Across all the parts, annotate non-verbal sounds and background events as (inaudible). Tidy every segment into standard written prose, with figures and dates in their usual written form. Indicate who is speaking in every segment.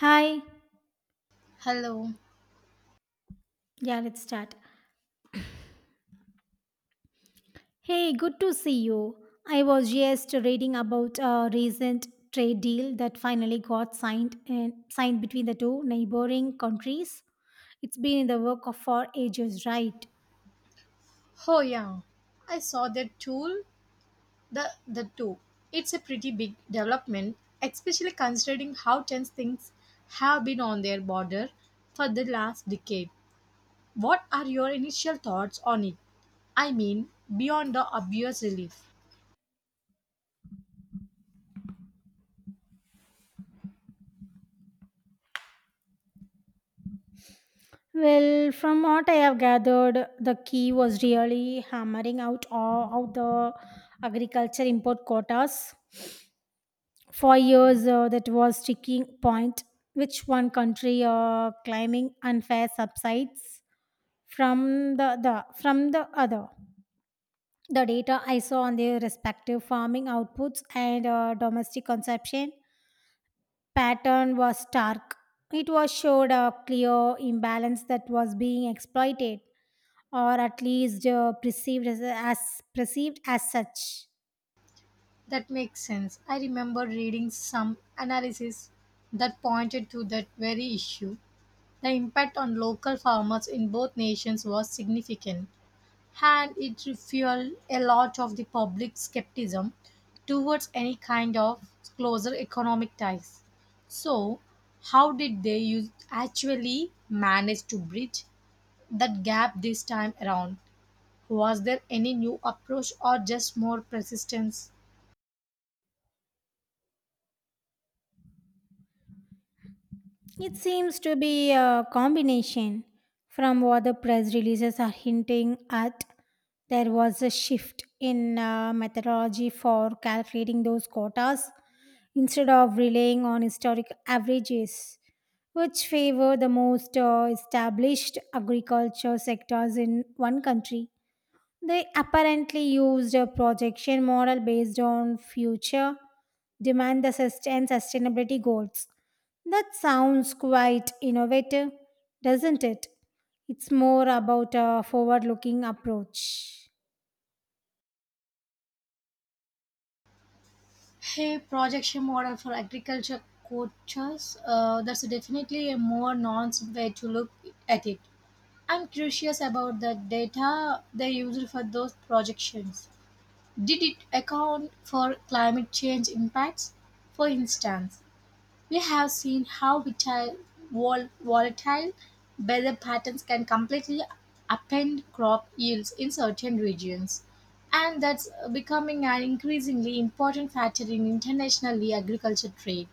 Speaker 1: Hi.
Speaker 2: Hello.
Speaker 1: Yeah, let's start. Hey, good to see you. I was just reading about a recent trade deal that finally got signed between the two neighboring countries. It's been in the work of for ages, right?
Speaker 2: Oh yeah, I saw that tool. The the tool. It's a pretty big development, especially considering how tense things have been on their border for the last decade. What are your initial thoughts on it? I mean, beyond the obvious relief.
Speaker 1: Well, from what I have gathered, the key was really hammering out all out the agriculture import quotas. For years, that was sticking point. Which one country climbing unfair subsides? From the other. The data I saw on their respective farming outputs and domestic consumption pattern was stark. It was showed a clear imbalance that was being exploited, or at least perceived as perceived as such.
Speaker 2: That makes sense. I remember reading some analysis that pointed to that very issue. The impact on local farmers in both nations was significant, and it refueled a lot of the public skepticism towards any kind of closer economic ties. So, how did they actually manage to bridge that gap this time around? Was there any new approach or just more persistence?
Speaker 1: It seems to be a combination from what the press releases are hinting at. There was a shift in methodology for calculating those quotas instead of relying on historic averages, which favor the most established agriculture sectors in one country. They apparently used a projection model based on future demand and sustainability goals. That sounds quite innovative, doesn't it? It's more about a forward looking approach.
Speaker 2: Hey, projection model for agriculture coaches. That's definitely a more nuanced way to look at it. I'm curious about the data they used for those projections. Did it account for climate change impacts? For instance, we have seen how volatile weather patterns can completely upend crop yields in certain regions. And that's becoming an increasingly important factor in international agriculture trade.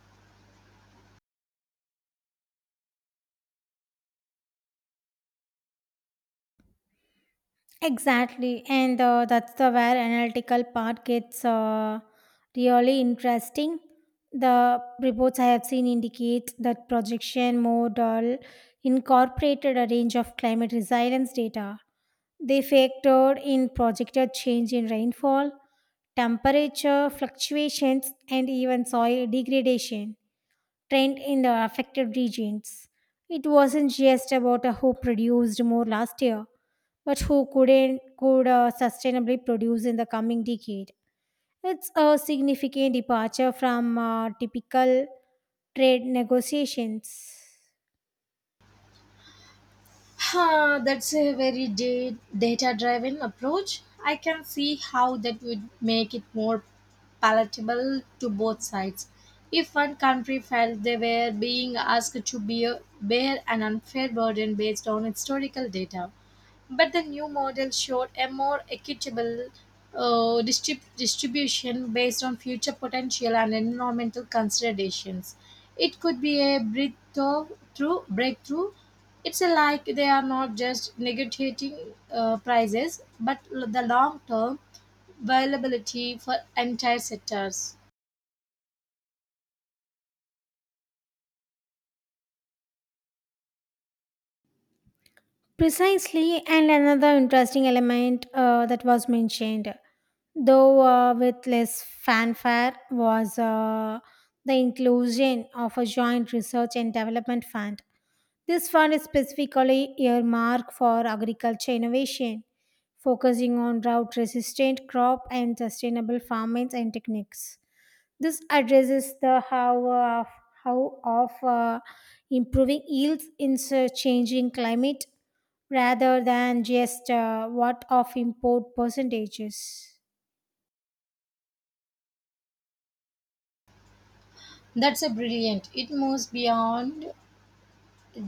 Speaker 1: Exactly, and that's the where analytical part gets really interesting. The reports I have seen indicate that projection model incorporated a range of climate resilience data. They factored in projected change in rainfall, temperature fluctuations, and even soil degradation trend in the affected regions. It wasn't just about who produced more last year, but who couldn't could sustainably produce in the coming decade. It's a significant departure from typical trade negotiations.
Speaker 2: That's a very data driven approach. I can see how that would make it more palatable to both sides. If one country felt they were being asked to bear an unfair burden based on historical data, but the new model showed a more equitable distribution based on future potential and environmental considerations. It could be a breakthrough. Breakthrough. It's a like they are not just negotiating prices, but the long term viability for entire sectors.
Speaker 1: Precisely, and another interesting element that was mentioned, though with less fanfare, was the inclusion of a joint research and development fund. This fund is specifically earmarked for agriculture innovation, focusing on drought resistant crop and sustainable farming and techniques. This addresses the how of improving yields in changing climate rather than just what of import percentages.
Speaker 2: That's a brilliant. It moves beyond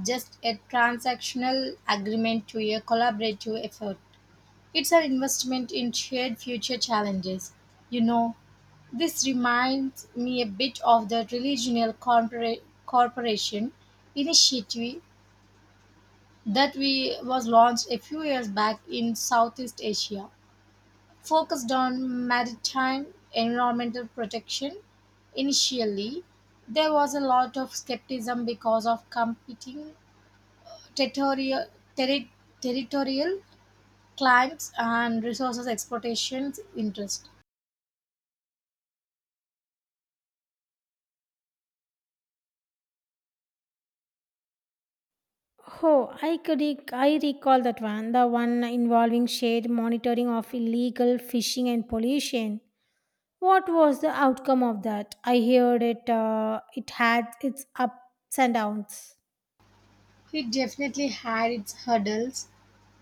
Speaker 2: just a transactional agreement to a collaborative effort. It's an investment in shared future challenges. You know, this reminds me a bit of the Regional Corporation initiative that we was launched a few years back in Southeast Asia, focused on maritime environmental protection. Initially, there was a lot of skepticism because of competing territorial, terri- territorial claims and resources exploitations interest.
Speaker 1: Oh, I recall that one, the one involving shared monitoring of illegal fishing and pollution. What was the outcome of that? I heard it. It had its ups and downs.
Speaker 2: It definitely had its hurdles.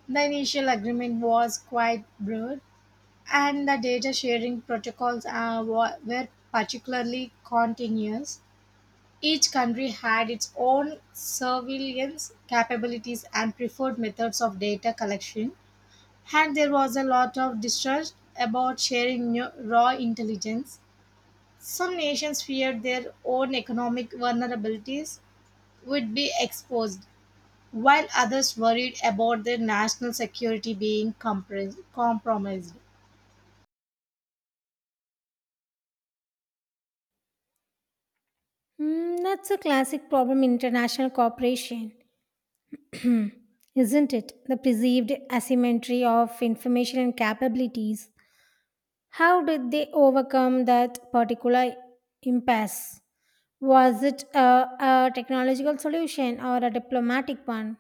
Speaker 2: The initial agreement was quite broad, and the data sharing protocols were particularly continuous. Each country had its own surveillance capabilities and preferred methods of data collection, and there was a lot of distrust about sharing raw intelligence. Some nations feared their own economic vulnerabilities would be exposed while others worried about their national security being compromised.
Speaker 1: Hmm, that's a classic problem in international cooperation. (clears throat) Isn't it? The perceived asymmetry of information and capabilities. How did they overcome that particular impasse? Was it a technological solution or a diplomatic one?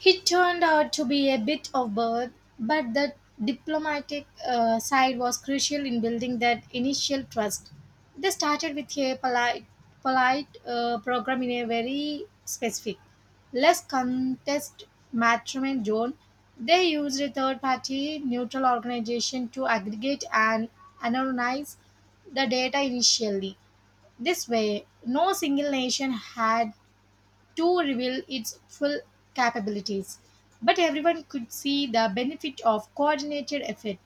Speaker 2: He turned out to be a bit of both, but the diplomatic side was crucial in building that initial trust. They started with a polite program in a very specific, less contest matrimony zone. They used a third party neutral organization to aggregate and analyze the data initially. This way, no single nation had to reveal its full capabilities, but everyone could see the benefit of coordinated effort.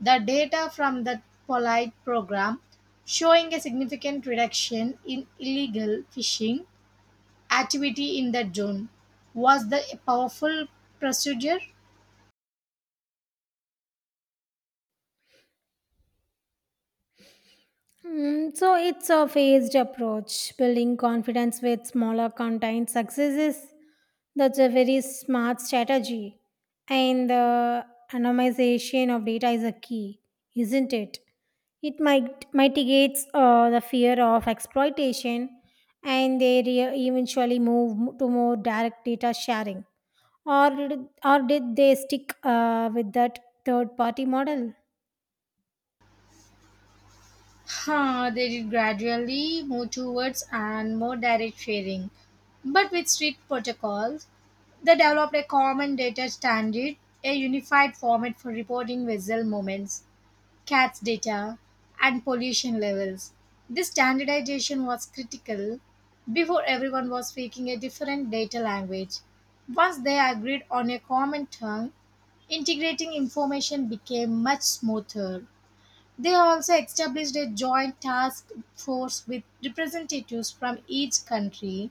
Speaker 2: The data from the Polite program showing a significant reduction in illegal fishing activity in that zone was the powerful procedure.
Speaker 1: Mm, so it's a phased approach, building confidence with smaller contained successes. That's a very smart strategy. And the anonymization of data is a key, isn't it? It might mitigates the fear of exploitation, and eventually move to more direct data sharing. Or or did they stick with that third party model?
Speaker 2: They did gradually move towards and more direct sharing, but with strict protocols. They developed a common data standard, a unified format for reporting vessel movements, CATS data, and pollution levels. This standardization was critical. Before everyone was speaking a different data language, once they agreed on a common tongue, integrating information became much smoother. They also established a joint task force with representatives from each country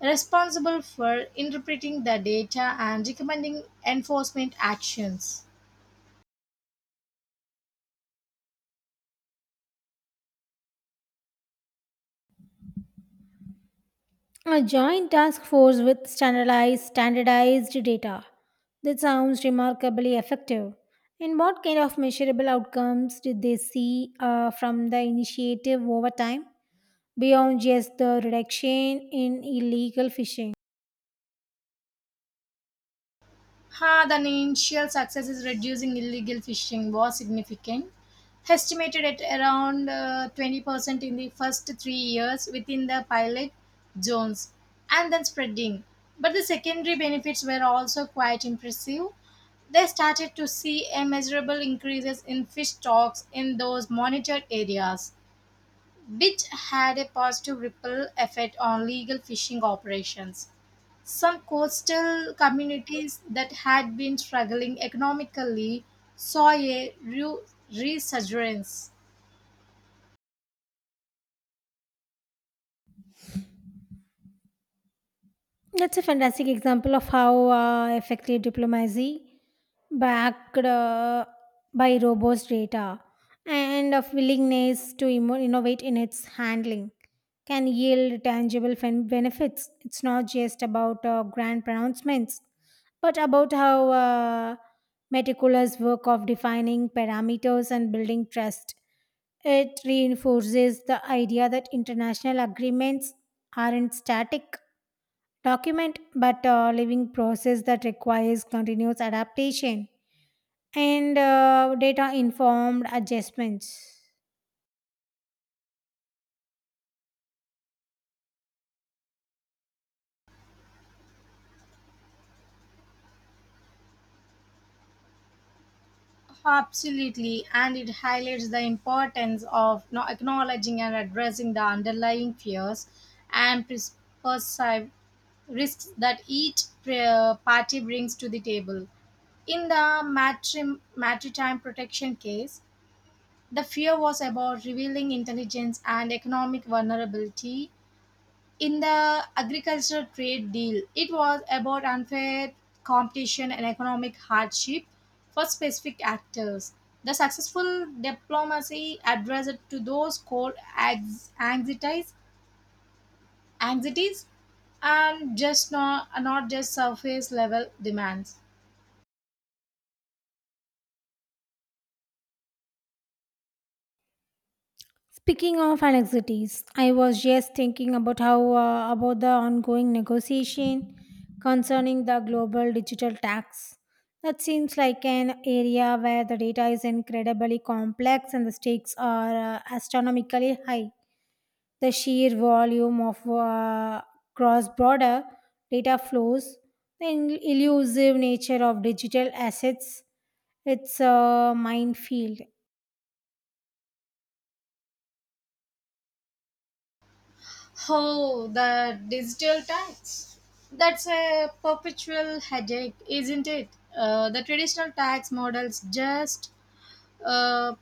Speaker 2: responsible for interpreting the data and recommending enforcement actions.
Speaker 1: A joint task force with standardized data. That sounds remarkably effective. And what kind of measurable outcomes did they see from the initiative over time beyond just the reduction in illegal fishing?
Speaker 2: The initial success is reducing illegal fishing was significant, estimated at around 20% in the first 3 years within the pilot zones and then spreading. But the secondary benefits were also quite impressive. They started to see a measurable increases in fish stocks in those monitored areas which had a positive ripple effect on legal fishing operations. Some coastal communities that had been struggling economically saw a resurgence.
Speaker 1: That's a fantastic example of how effective diplomacy, backed by robust data and of willingness to innovate in its handling, can yield tangible benefits. It's not just about grand pronouncements, but about how meticulous work of defining parameters and building trust. It reinforces the idea that international agreements aren't static document but a living process that requires continuous adaptation and data informed adjustments.
Speaker 2: Absolutely, and it highlights the importance of you know, acknowledging and addressing the underlying fears and perceived risks that each party brings to the table. In the maritime protection case, the fear was about revealing intelligence and economic vulnerability. In the agricultural trade deal, it was about unfair competition and economic hardship for specific actors. The successful diplomacy addressed to those anxieties, anxieties, and just not, not just surface level demands.
Speaker 1: Speaking of anxieties, I was just thinking about how about the ongoing negotiation concerning the global digital tax. That seems like an area where the data is incredibly complex and the stakes are astronomically high. The sheer volume of cross border data flows, the elusive nature of digital assets, it's a minefield.
Speaker 2: Oh, the digital tax. That's a perpetual headache, isn't it? The traditional tax models just uh,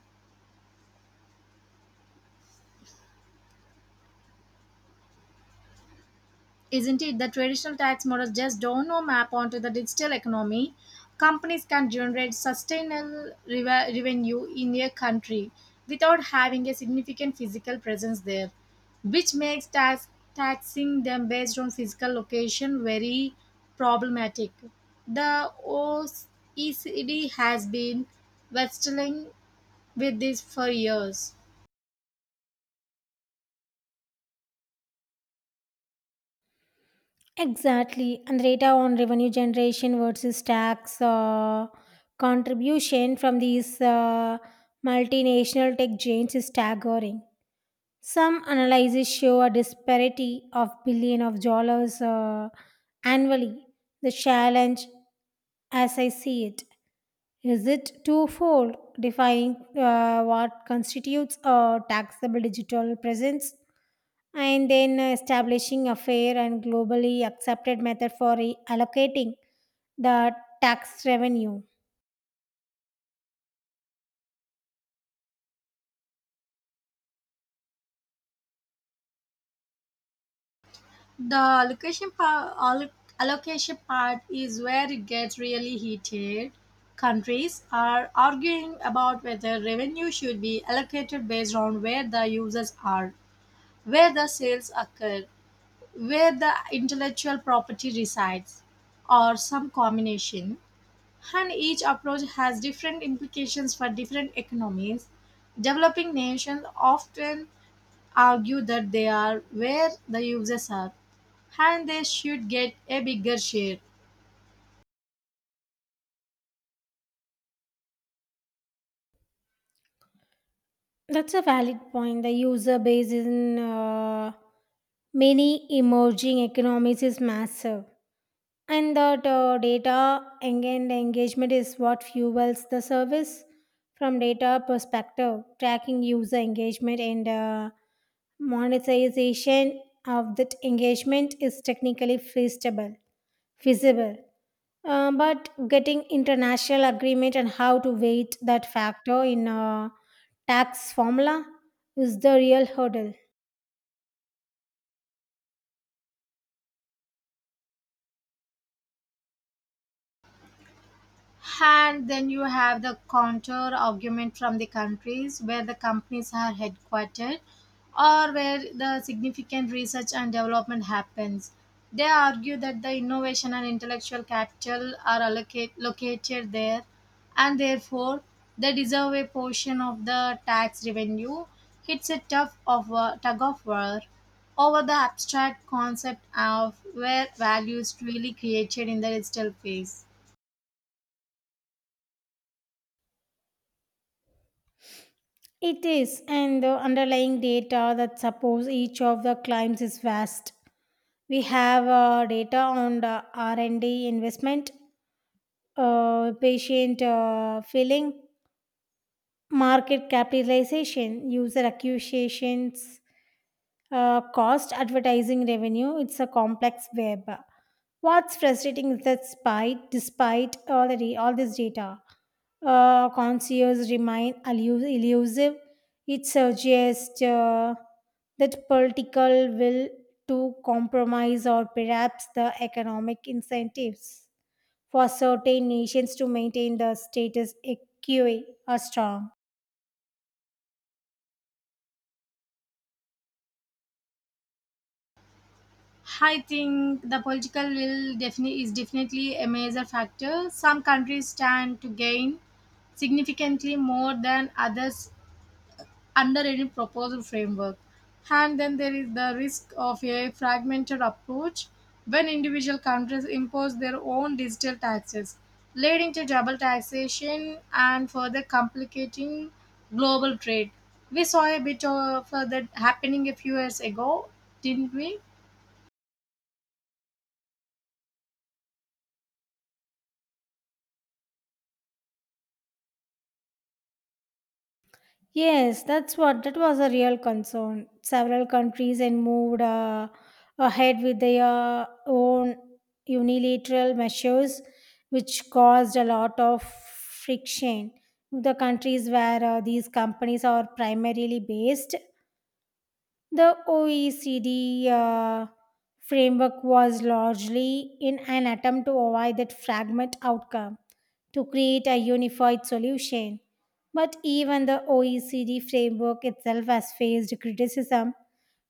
Speaker 2: Isn't it? The traditional tax models just don't know map onto the digital economy. Companies can generate sustainable revenue in a country without having a significant physical presence there, which makes taxing them based on physical location very problematic. The OECD has been wrestling with this for years.
Speaker 1: Exactly. And data on revenue generation versus tax contribution from these multinational tech giants is staggering. Some analyses show a disparity of billion of dollars annually. The challenge, as I see it, is it twofold, defining what constitutes a taxable digital presence and then establishing a fair and globally accepted method for allocating the tax revenue.
Speaker 2: The allocation part, allocation part is where it gets really heated. Countries are arguing about whether revenue should be allocated based on where the users are, where the sales occur, where the intellectual property resides, or some combination. And each approach has different implications for different economies. Developing nations often argue that they are where the users are and they should get a bigger share.
Speaker 1: That's a valid point. The user base in many emerging economies is massive. And that data and engagement is what fuels the service from data perspective, tracking user engagement and monetization of that engagement is technically feasible. But getting international agreement and how to weight that factor in a tax formula is the real hurdle.
Speaker 2: And then you have the counter argument from the countries where the companies are headquartered or where the significant research and development happens. They argue that the innovation and intellectual capital are located there and therefore they deserve a portion of the tax revenue. It's a tough of a tug of war over the abstract concept of where value is really created in the digital phase.
Speaker 1: It is, and the underlying data that supports each of the claims is vast. We have data on the R&D investment, patient filling, market capitalization, user acquisitions, cost advertising revenue. It's a complex web. What's frustrating is that despite all the all this data concierge remain elusive. It suggests that political will to compromise or perhaps the economic incentives for certain nations to maintain the status quo, are strong.
Speaker 2: I think the political will definitely a major factor. Some countries stand to gain significantly more than others under any proposal framework. And then there is the risk of a fragmented approach when individual countries impose their own digital taxes, leading to double taxation and further complicating global trade. We saw a bit of that happening a few years ago, didn't we?
Speaker 1: Yes, that's what that was a real concern. Several countries and moved ahead with their own unilateral measures, which caused a lot of friction. The countries where these companies are primarily based, the OECD framework was largely in an attempt to avoid that fragment outcome, to create a unified solution. But even the OECD framework itself has faced criticism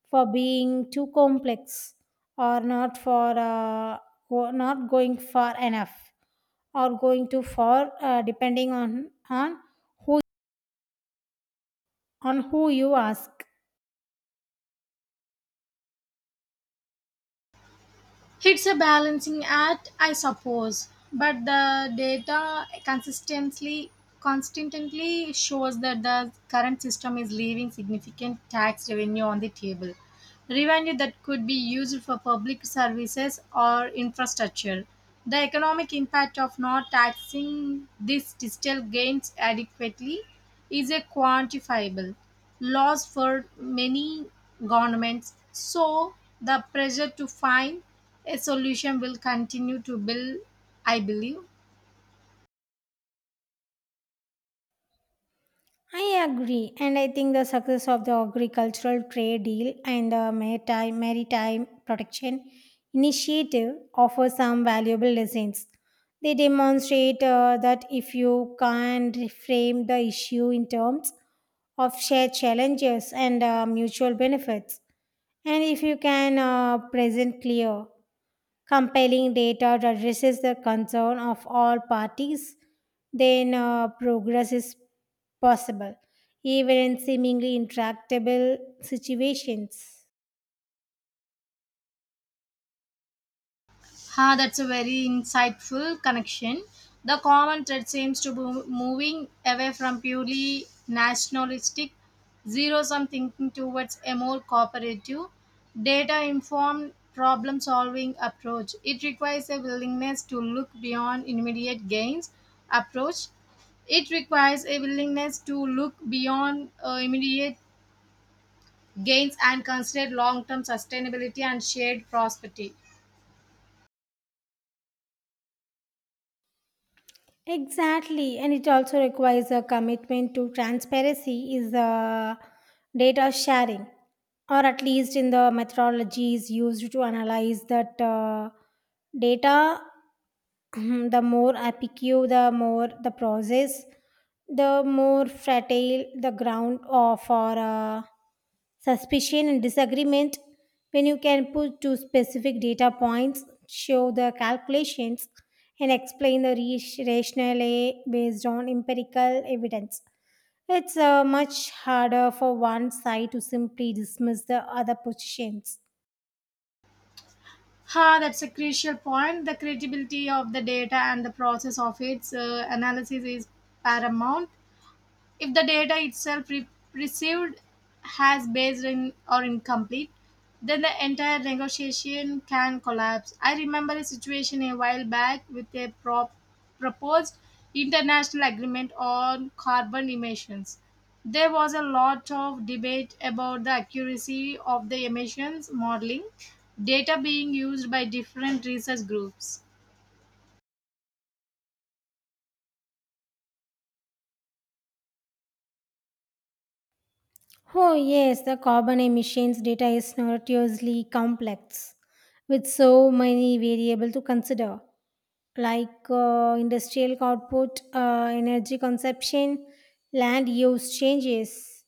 Speaker 1: for being too complex or not for not going far enough or going too far depending on who on who you ask.
Speaker 2: It's a balancing act, I suppose, but the data consistently constantly shows that the current system is leaving significant tax revenue on the table. Revenue that could be used for public services or infrastructure. The economic impact of not taxing these digital gains adequately is a quantifiable loss for many governments. So, the pressure to find a solution will continue to build, I believe.
Speaker 1: I agree, and I think the success of the agricultural trade deal and the maritime protection initiative offer some valuable lessons. They demonstrate that if you can reframe the issue in terms of shared challenges and mutual benefits, and if you can present clear compiling data that addresses the concern of all parties, then progress is possible, even in seemingly intractable situations.
Speaker 2: Ha that's a very insightful connection. The common thread seems to be moving away from purely nationalistic zero sum thinking towards a more cooperative, data informed problem solving approach it requires a willingness to look beyond immediate gains approach. It requires a willingness to look beyond immediate gains and consider long-term sustainability and shared prosperity.
Speaker 1: Exactly, and it also requires a commitment to transparency is the data sharing, or at least in the methodologies used to analyze that data. (clears throat) The more apicue, the more the process, the more fertile the ground of for suspicion and disagreement. When you can put two specific data points, show the calculations, and explain the rationale based on empirical evidence. It's much harder for one side to simply dismiss the other positions.
Speaker 2: That's a crucial point. The credibility of the data and the process of its analysis is paramount. If the data itself received has based in or incomplete, then the entire negotiation can collapse. I remember a situation a while back with a proposed international agreement on carbon emissions. There was a lot of debate about the accuracy of the emissions modeling data being used by different research groups.
Speaker 1: Oh, yes, the carbon emissions data is notoriously complex with so many variables to consider, like industrial output, energy consumption, land use changes,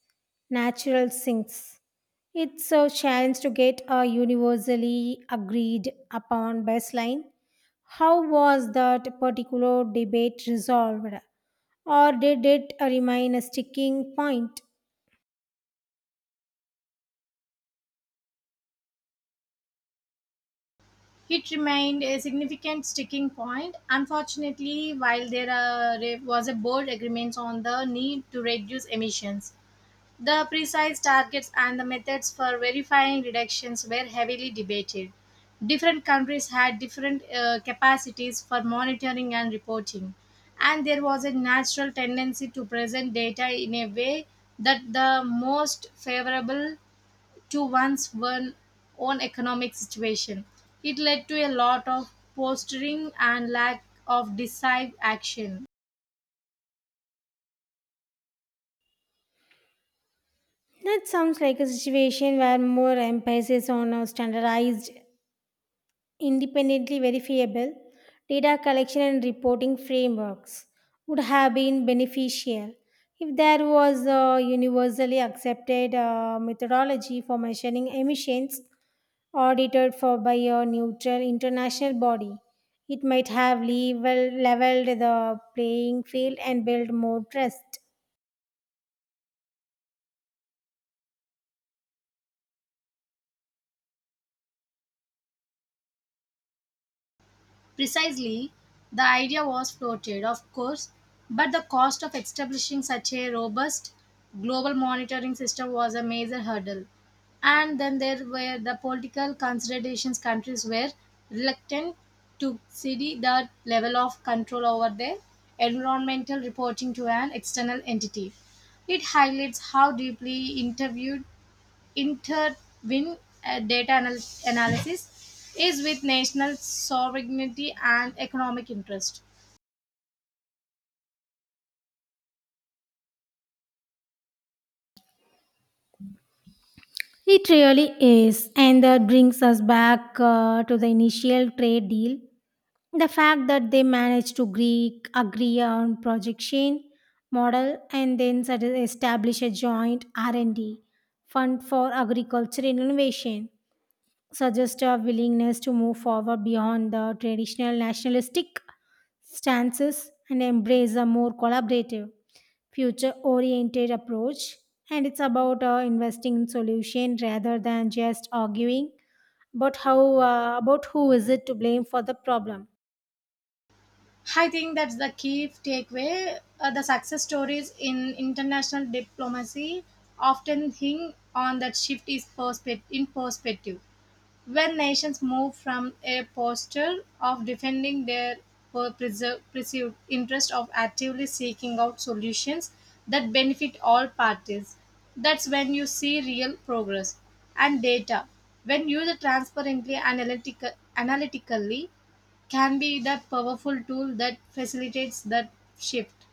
Speaker 1: natural sinks. It's a challenge to get a universally agreed upon baseline. How was that particular debate resolved, or did it remain a sticking point?
Speaker 2: It remained a significant sticking point. Unfortunately, while there was a bold agreement on the need to reduce emissions, the precise targets and the methods for verifying reductions were heavily debated. Different countries had different capacities for monitoring and reporting, and there was a natural tendency to present data in a way that the most favorable to own economic situation. It led to a lot of posturing and lack of decisive action.
Speaker 1: That sounds like a situation where more emphasis on a standardized, independently verifiable data collection and reporting frameworks would have been beneficial if there was a universally accepted methodology for measuring emissions audited for by a neutral international body. It might have leveled the playing field and built more trust.
Speaker 2: Precisely, the idea was floated, of course, but the cost of establishing such a robust global monitoring system was a major hurdle. And then there were the political considerations countries were reluctant to cede the level of control over their environmental reporting to an external entity. It highlights how deeply interviewed intervene analysis is with national sovereignty and economic interest.
Speaker 1: It really is. And that brings us back to the initial trade deal. The fact that they managed to agree on projection model and then sort of establish a joint R&D fund for agriculture innovation suggest a willingness to move forward beyond the traditional nationalistic stances and embrace a more collaborative, future oriented approach. And it's about investing in solution rather than just arguing about how about who is it to blame for the problem.
Speaker 2: I think that's the key takeaway. The success stories in international diplomacy often hing on that shift is perspective in perspective. When nations move from a posture of defending their perceived interest of actively seeking out solutions that benefit all parties, that's when you see real progress. And data, when used analytically, can be that powerful tool that facilitates that shift.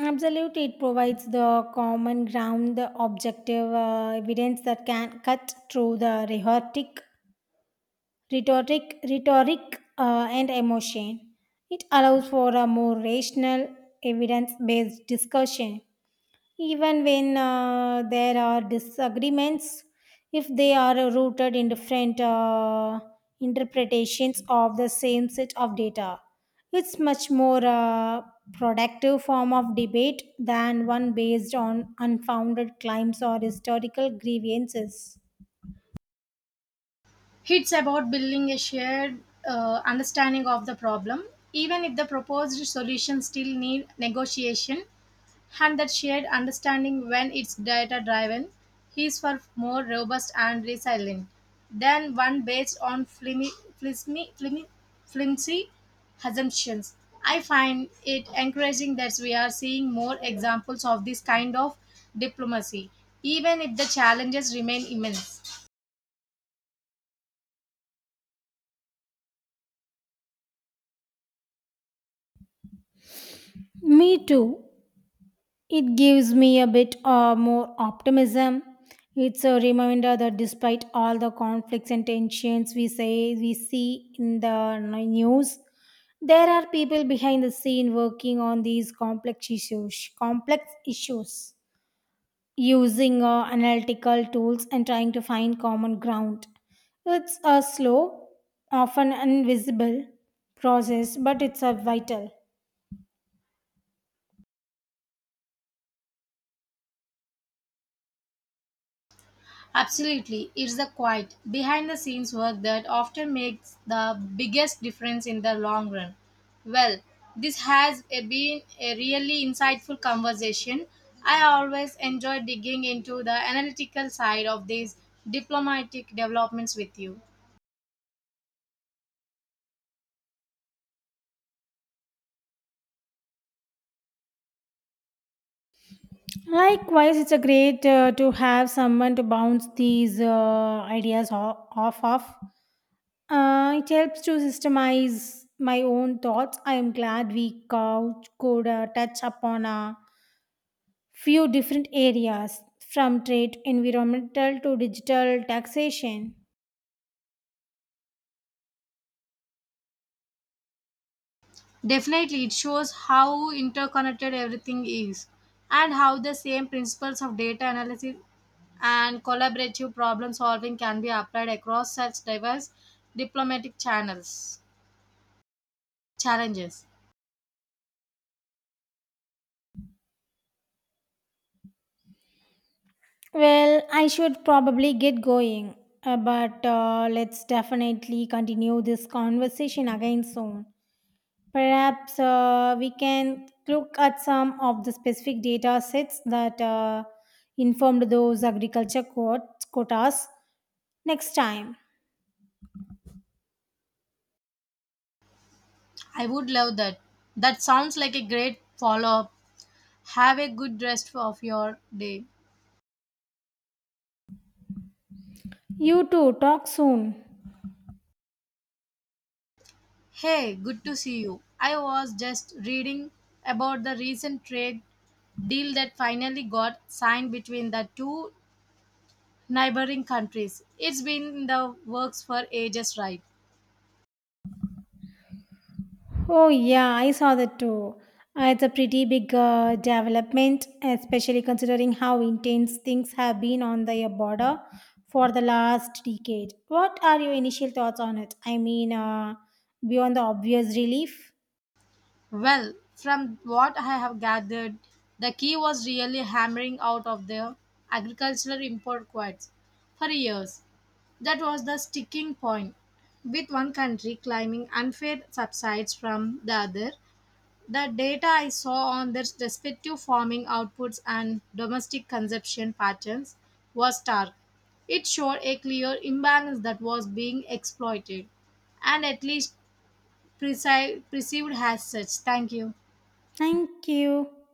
Speaker 1: Absolutely, it provides the common ground, the objective evidence that can cut through the rhetoric and emotion. It allows for a more rational, evidence based discussion. Even when there are disagreements, if they are rooted in different interpretations of the same set of data, it's much more productive form of debate than one based on unfounded claims or historical grievances.
Speaker 2: It's about building a shared understanding of the problem, even if the proposed solutions still need negotiation. And that shared understanding when it's data driven is far more robust and resilient than one based on flimsy, flimmy, flimsy assumptions. I find it encouraging that we are seeing more examples of this kind of diplomacy, even if the challenges remain immense.
Speaker 1: Me too. It gives me a bit more optimism. It's a reminder that despite all the conflicts and tensions we say we see in the news, there are people behind the scene working on these complex issues. Complex issues using analytical tools and trying to find common ground. It's a slow, often invisible process, but it's a vital.
Speaker 2: Absolutely, it's the quiet, behind the scenes work that often makes the biggest difference in the long run. Well, this been a really insightful conversation. I always enjoy digging into the analytical side of these diplomatic developments with you.
Speaker 1: Likewise, it's a great to have someone to bounce these ideas off of. It helps to systemize my own thoughts. I am glad we could touch upon a few different areas from trade, environmental to digital taxation.
Speaker 2: Definitely, it shows how interconnected everything is and how the same principles of data analysis and collaborative problem solving can be applied across such diverse diplomatic channels challenges.
Speaker 1: Well, I should probably get going, but let's definitely continue this conversation again soon. Perhaps we can look at some of the specific data sets that informed those agriculture quotas next time.
Speaker 2: I would love that. That sounds like a great follow-up. Have a good rest of your day.
Speaker 1: You too, talk soon.
Speaker 2: Hey, good to see you. I was just reading about the recent trade deal that finally got signed between the two neighboring countries. It's been in the works for ages, right?
Speaker 1: Oh, yeah, I saw that too. It's a pretty big development, especially considering how intense things have been on the border for the last decade. What are your initial thoughts on it? I mean, beyond the obvious relief?
Speaker 2: Well, from what I have gathered, the key was really hammering out of the agricultural import quotas for years. That was the sticking point, with one country claiming unfair subsidies from the other. The data I saw on their respective farming outputs and domestic consumption patterns was stark. It showed a clear imbalance that was being exploited and at least perceived as such. Thank you.
Speaker 1: Thank you.